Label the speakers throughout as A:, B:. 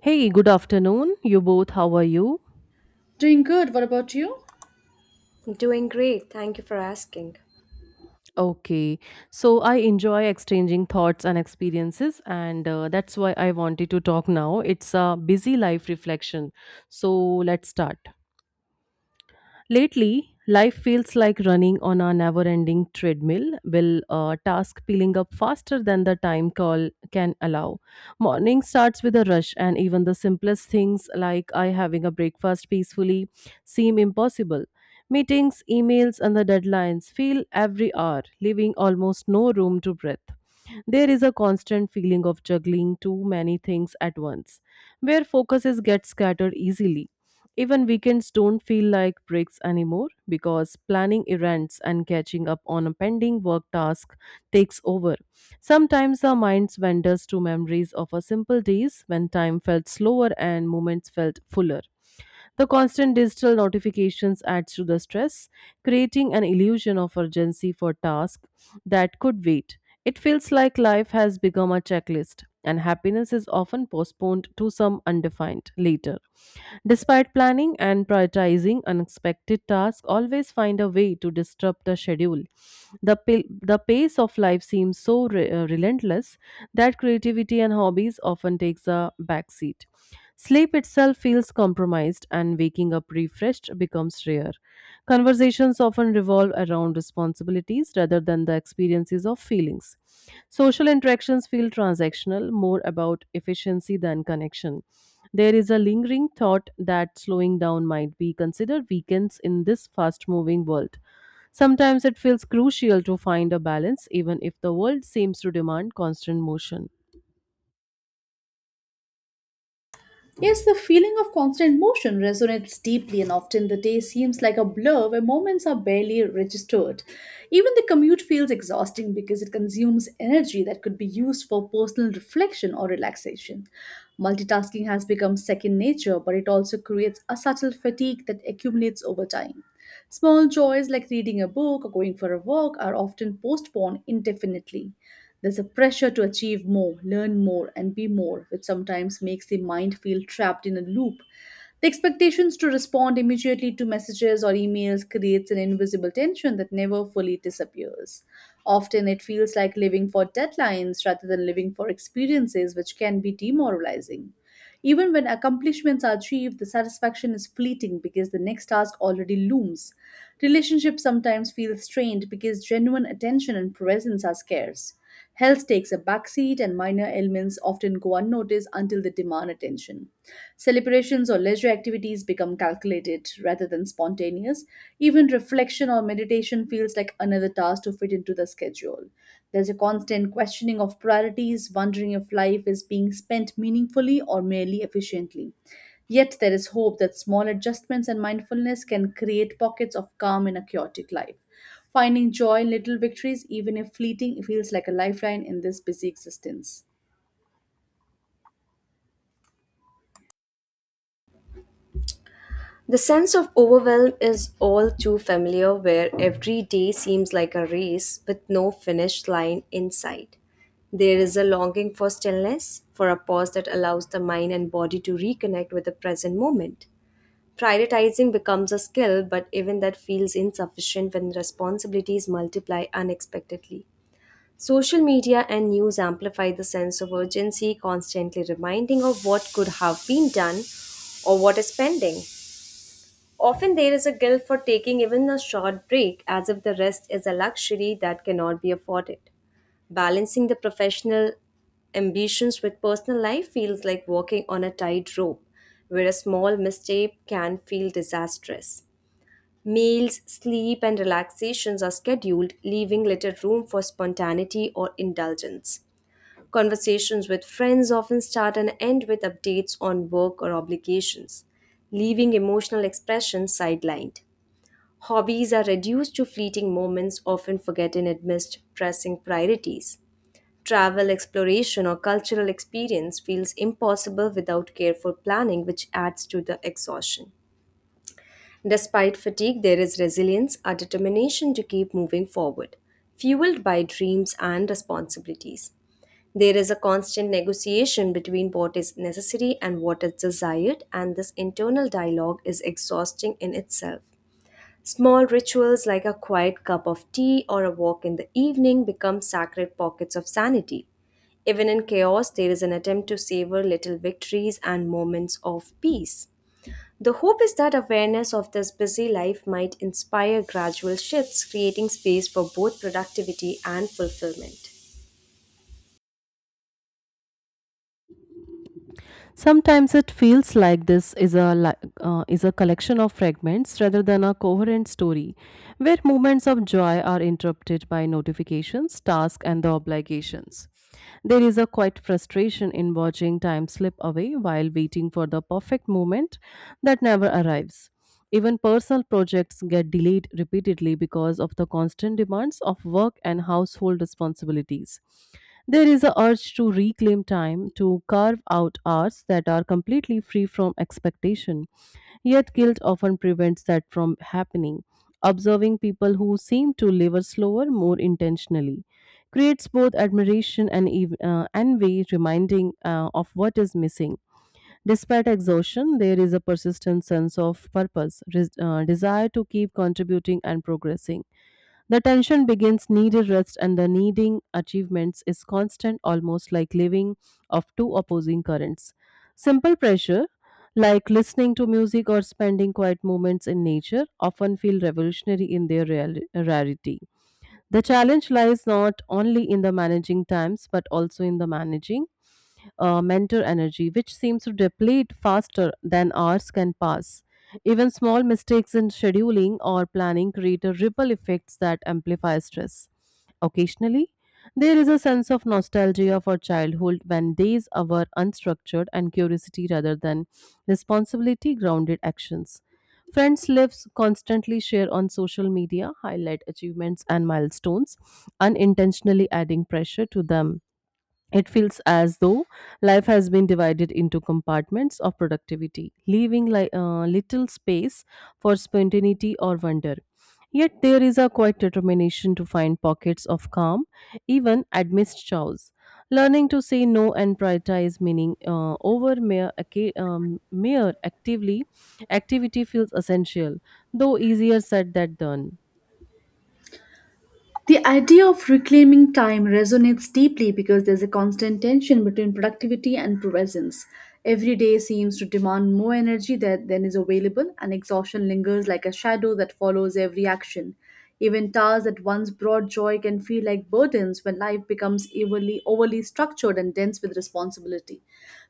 A: Hey, good afternoon. You both, how are you?
B: Doing good. What about you?
C: Doing great, thank you for asking.
A: Okay, so I enjoy exchanging thoughts and experiences, and that's why I wanted to talk now. It's a busy life reflection. So let's start. Lately, life feels like running on a never ending treadmill, with a task peeling up faster than the time call can allow. Morning starts with a rush, and even the simplest things like I having a breakfast peacefully seem impossible. Meetings, emails, and the deadlines feel every hour, leaving almost no room to breathe. There is a constant feeling of juggling too many things at once, where focuses get scattered easily. Even weekends don't feel like breaks anymore because planning errands and catching up on a pending work task takes over. Sometimes our minds wanders to memories of our simple days when time felt slower and moments felt fuller. The constant digital notifications adds to the stress, creating an illusion of urgency for tasks that could wait. It feels like life has become a checklist, and happiness is often postponed to some undefined later. Despite planning and prioritizing unexpected tasks, always find a way to disrupt the schedule. The pace of life seems so relentless that creativity and hobbies often takes a backseat. Sleep itself feels compromised and waking up refreshed becomes rare. Conversations often revolve around responsibilities rather than the experiences of feelings. Social interactions feel transactional, more about efficiency than connection. There is a lingering thought that slowing down might be considered weakness in this fast moving world. Sometimes it feels crucial to find a balance, even if the world seems to demand constant motion.
B: Yes, the feeling of constant motion resonates deeply, and often the day seems like a blur where moments are barely registered. Even the commute feels exhausting because it consumes energy that could be used for personal reflection or relaxation. Multitasking has become second nature, but it also creates a subtle fatigue that accumulates over time. Small joys like reading a book or going for a walk are often postponed indefinitely. There's a pressure to achieve more, learn more, and be more, which sometimes makes the mind feel trapped in a loop. The expectations to respond immediately to messages or emails creates an invisible tension that never fully disappears. Often it feels like living for deadlines rather than living for experiences, which can be demoralizing. Even when accomplishments are achieved, the satisfaction is fleeting because the next task already looms. Relationships sometimes feel strained because genuine attention and presence are scarce. Health takes a backseat, and minor ailments often go unnoticed until they demand attention. Celebrations or leisure activities become calculated rather than spontaneous. Even reflection or meditation feels like another task to fit into the schedule. There's a constant questioning of priorities, wondering if life is being spent meaningfully or merely efficiently. Yet there is hope that small adjustments and mindfulness can create pockets of calm in a chaotic life. Finding joy in little victories, even if fleeting, feels like a lifeline in this busy existence.
C: The sense of overwhelm is all too familiar, where every day seems like a race with no finish line in sight. There is a longing for stillness, for a pause that allows the mind and body to reconnect with the present moment. Prioritizing becomes a skill, but even that feels insufficient when responsibilities multiply unexpectedly. Social media and news amplify the sense of urgency, constantly reminding of what could have been done or what is pending. Often there is a guilt for taking even a short break, as if the rest is a luxury that cannot be afforded. Balancing the professional ambitions with personal life feels like walking on a tightrope, where a small mistake can feel disastrous. Meals, sleep, and relaxations are scheduled, leaving little room for spontaneity or indulgence. Conversations with friends often start and end with updates on work or obligations, leaving emotional expression sidelined. Hobbies are reduced to fleeting moments often forgotten amidst pressing priorities. Travel, exploration, or cultural experience feels impossible without careful planning, which adds to the exhaustion. Despite fatigue, there is resilience, a determination to keep moving forward, fueled by dreams and responsibilities. There is a constant negotiation between what is necessary and what is desired, and this internal dialogue is exhausting in itself. Small rituals like a quiet cup of tea or a walk in the evening become sacred pockets of sanity. Even in chaos, there is an attempt to savor little victories and moments of peace. The hope is that awareness of this busy life might inspire gradual shifts, creating space for both productivity and fulfillment.
A: Sometimes it feels like this is a li- is a collection of fragments rather than a coherent story, where moments of joy are interrupted by notifications, tasks, and the obligations. There is a quiet frustration in watching time slip away while waiting for the perfect moment that never arrives. Even personal projects get delayed repeatedly because of the constant demands of work and household responsibilities. There is a urge to reclaim time, to carve out hours that are completely free from expectation. Yet guilt often prevents that from happening. Observing people who seem to live a slower, more intentionally creates both admiration and envy, reminding of what is missing. Despite exhaustion, there is a persistent sense of purpose, desire to keep contributing and progressing. The tension begins needed rest and the needing achievements is constant, almost like living of two opposing currents. Simple pressure, like listening to music or spending quiet moments in nature, often feel revolutionary in their rarity. The challenge lies not only in the managing times but also in the managing mentor energy, which seems to deplete faster than hours can pass. Even small mistakes in scheduling or planning create a ripple effects that amplify stress. Occasionally, there is a sense of nostalgia for childhood when days were unstructured and curiosity rather than responsibility grounded actions. Friends' lives constantly share on social media, highlight achievements and milestones, unintentionally adding pressure to them. It feels as though life has been divided into compartments of productivity, leaving little space for spontaneity or wonder. Yet there is a quiet determination to find pockets of calm, even amidst chaos. Learning to say no and prioritize meaning over mere actively activity feels essential, though easier said than done.
B: The idea of reclaiming time resonates deeply because there's a constant tension between productivity and presence. Every day seems to demand more energy than is available, and exhaustion lingers like a shadow that follows every action. Even tasks that once brought joy can feel like burdens when life becomes overly structured and dense with responsibility.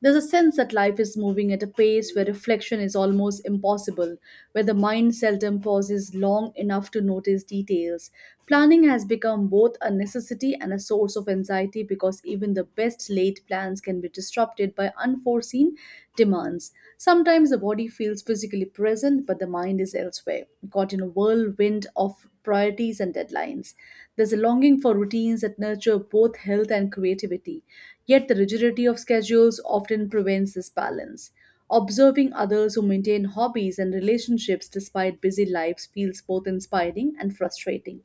B: There's a sense that life is moving at a pace where reflection is almost impossible, where the mind seldom pauses long enough to notice details. Planning has become both a necessity and a source of anxiety because even the best laid plans can be disrupted by unforeseen demands. Sometimes the body feels physically present, but the mind is elsewhere, caught in a whirlwind of priorities and deadlines. There's a longing for routines that nurture both health and creativity. Yet the rigidity of schedules often prevents this balance. Observing others who maintain hobbies and relationships despite busy lives feels both inspiring and frustrating.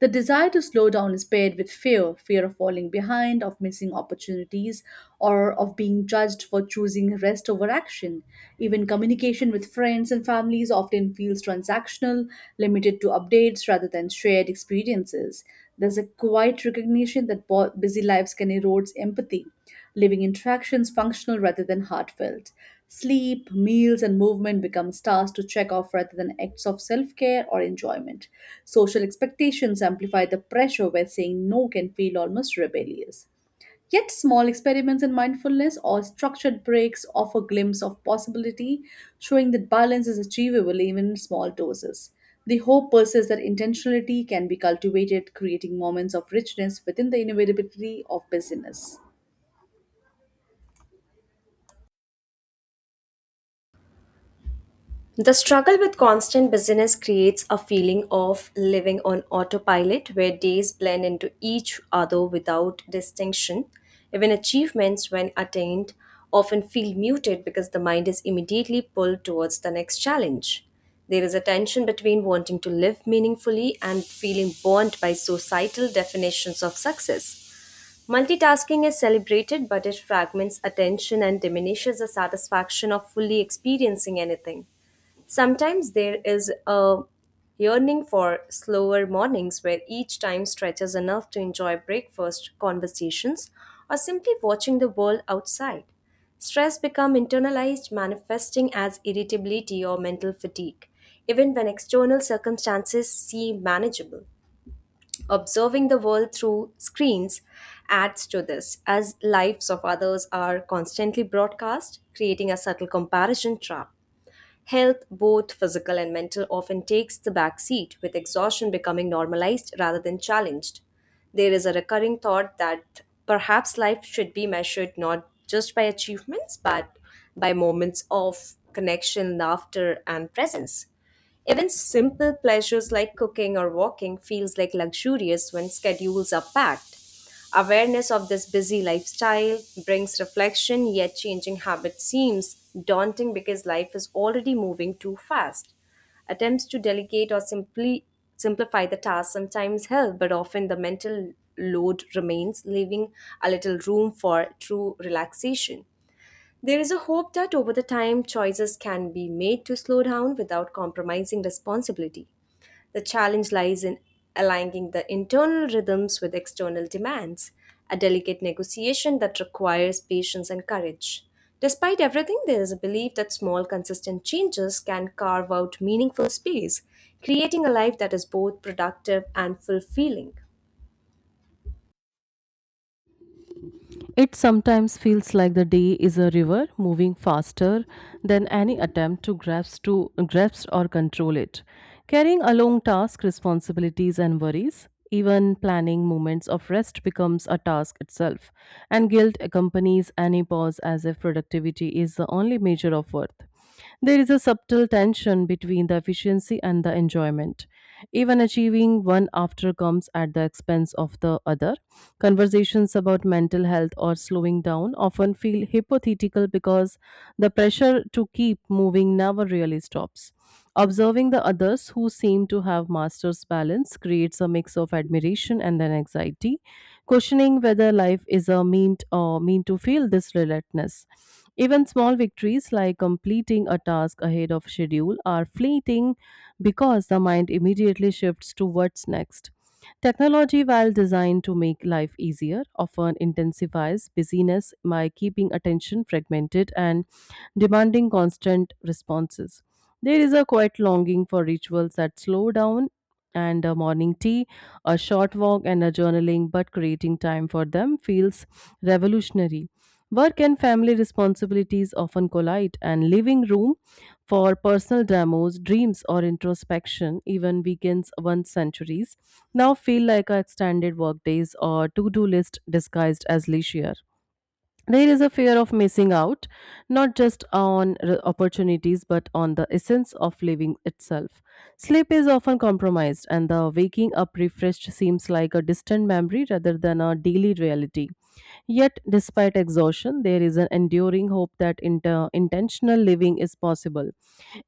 B: The desire to slow down is paired with fear of falling behind, of missing opportunities, or of being judged for choosing rest over action. Even communication with friends and families often feels transactional, limited to updates rather than shared experiences. There's a quiet recognition that busy lives can erode empathy, leaving interactions functional rather than heartfelt. Sleep, meals, and movement become tasks to check off rather than acts of self care or enjoyment. Social expectations amplify the pressure where saying no can feel almost rebellious. Yet, small experiments in mindfulness or structured breaks offer a glimpse of possibility, showing that balance is achievable even in small doses. The hope persists that intentionality can be cultivated, creating moments of richness within the inevitability of busyness.
C: The struggle with constant busyness creates a feeling of living on autopilot where days blend into each other without distinction. Even achievements, when attained, often feel muted because the mind is immediately pulled towards the next challenge. There is a tension between wanting to live meaningfully and feeling bound by societal definitions of success. Multitasking is celebrated, but it fragments attention and diminishes the satisfaction of fully experiencing anything. Sometimes there is a yearning for slower mornings where each time stretches enough to enjoy breakfast, conversations, or simply watching the world outside. Stress becomes internalized, manifesting as irritability or mental fatigue, even when external circumstances seem manageable. Observing the world through screens adds to this, as lives of others are constantly broadcast, creating a subtle comparison trap. Health, both physical and mental, often takes the back seat, with exhaustion becoming normalized rather than challenged. There is a recurring thought that perhaps life should be measured not just by achievements, but by moments of connection, laughter, and presence. Even simple pleasures like cooking or walking feels like luxurious when schedules are packed. Awareness of this busy lifestyle brings reflection, yet changing habits seems daunting because life is already moving too fast. Attempts to delegate or simply simplify the task sometimes help, but often the mental load remains, leaving a little room for true relaxation. There is a hope that over the time choices can be made to slow down without compromising responsibility. The challenge lies in aligning the internal rhythms with external demands, a delicate negotiation that requires patience and courage. Despite everything, there is a belief that small, consistent changes can carve out meaningful space, creating a life that is both productive and fulfilling.
A: It sometimes feels like the day is a river moving faster than any attempt to grasp or control it, carrying along tasks, responsibilities, and worries. Even planning moments of rest becomes a task itself, and guilt accompanies any pause as if productivity is the only measure of worth. There is a subtle tension between the efficiency and the enjoyment. Even achieving one after comes at the expense of the other. Conversations about mental health or slowing down often feel hypothetical because the pressure to keep moving never really stops. Observing the others who seem to have master's balance creates a mix of admiration and then anxiety, questioning whether life is a mean to feel this relentlessness. Even small victories like completing a task ahead of schedule are fleeting because the mind immediately shifts to what's next. Technology, while designed to make life easier, often intensifies busyness by keeping attention fragmented and demanding constant responses. There is a quiet longing for rituals that slow down and a morning tea, a short walk, and a journaling, but creating time for them feels revolutionary. Work and family responsibilities often collide, and leaving room for personal demos, dreams, or introspection, even weekends once centuries, now feel like a extended work days or to do list disguised as leisure. There is a fear of missing out, not just on opportunities, but on the essence of living itself. Sleep is often compromised, and the waking up refreshed seems like a distant memory rather than a daily reality. Yet, despite exhaustion, there is an enduring hope that intentional living is possible,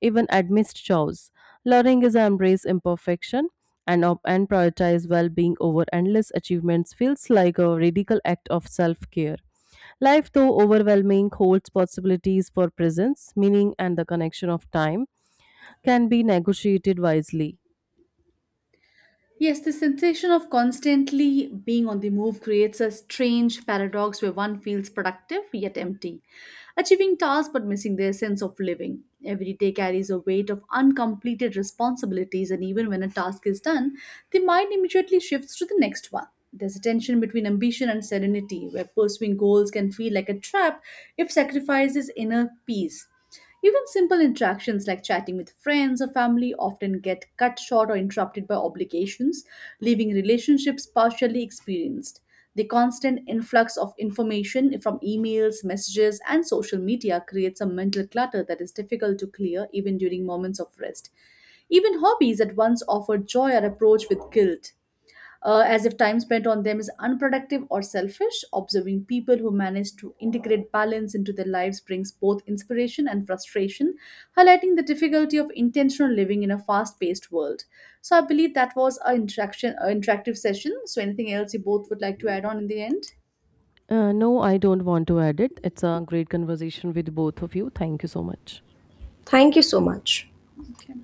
A: even amidst chores. Learning is embrace imperfection and prioritize well being over endless achievements feels like a radical act of self care. Life, though overwhelming, holds possibilities for presence, meaning, and the connection of time can be negotiated wisely.
B: Yes, the sensation of constantly being on the move creates a strange paradox where one feels productive yet empty, achieving tasks but missing their sense of living. Every day carries a weight of uncompleted responsibilities, and even when a task is done, the mind immediately shifts to the next one. There's a tension between ambition and serenity, where pursuing goals can feel like a trap if sacrifices inner peace. Even simple interactions like chatting with friends or family often get cut short or interrupted by obligations, leaving relationships partially experienced. The constant influx of information from emails, messages, and social media creates a mental clutter that is difficult to clear even during moments of rest. Even hobbies that once offered joy are approached with guilt, as if time spent on them is unproductive or selfish. Observing people who manage to integrate balance into their lives brings both inspiration and frustration, highlighting the difficulty of intentional living in a fast paced world. So, I believe that was our interactive session. So, anything else you both would like to add on in the end?
A: No, I don't want to add it. It's a great conversation with both of you. Thank you so much.
C: Thank you so much.
B: Okay.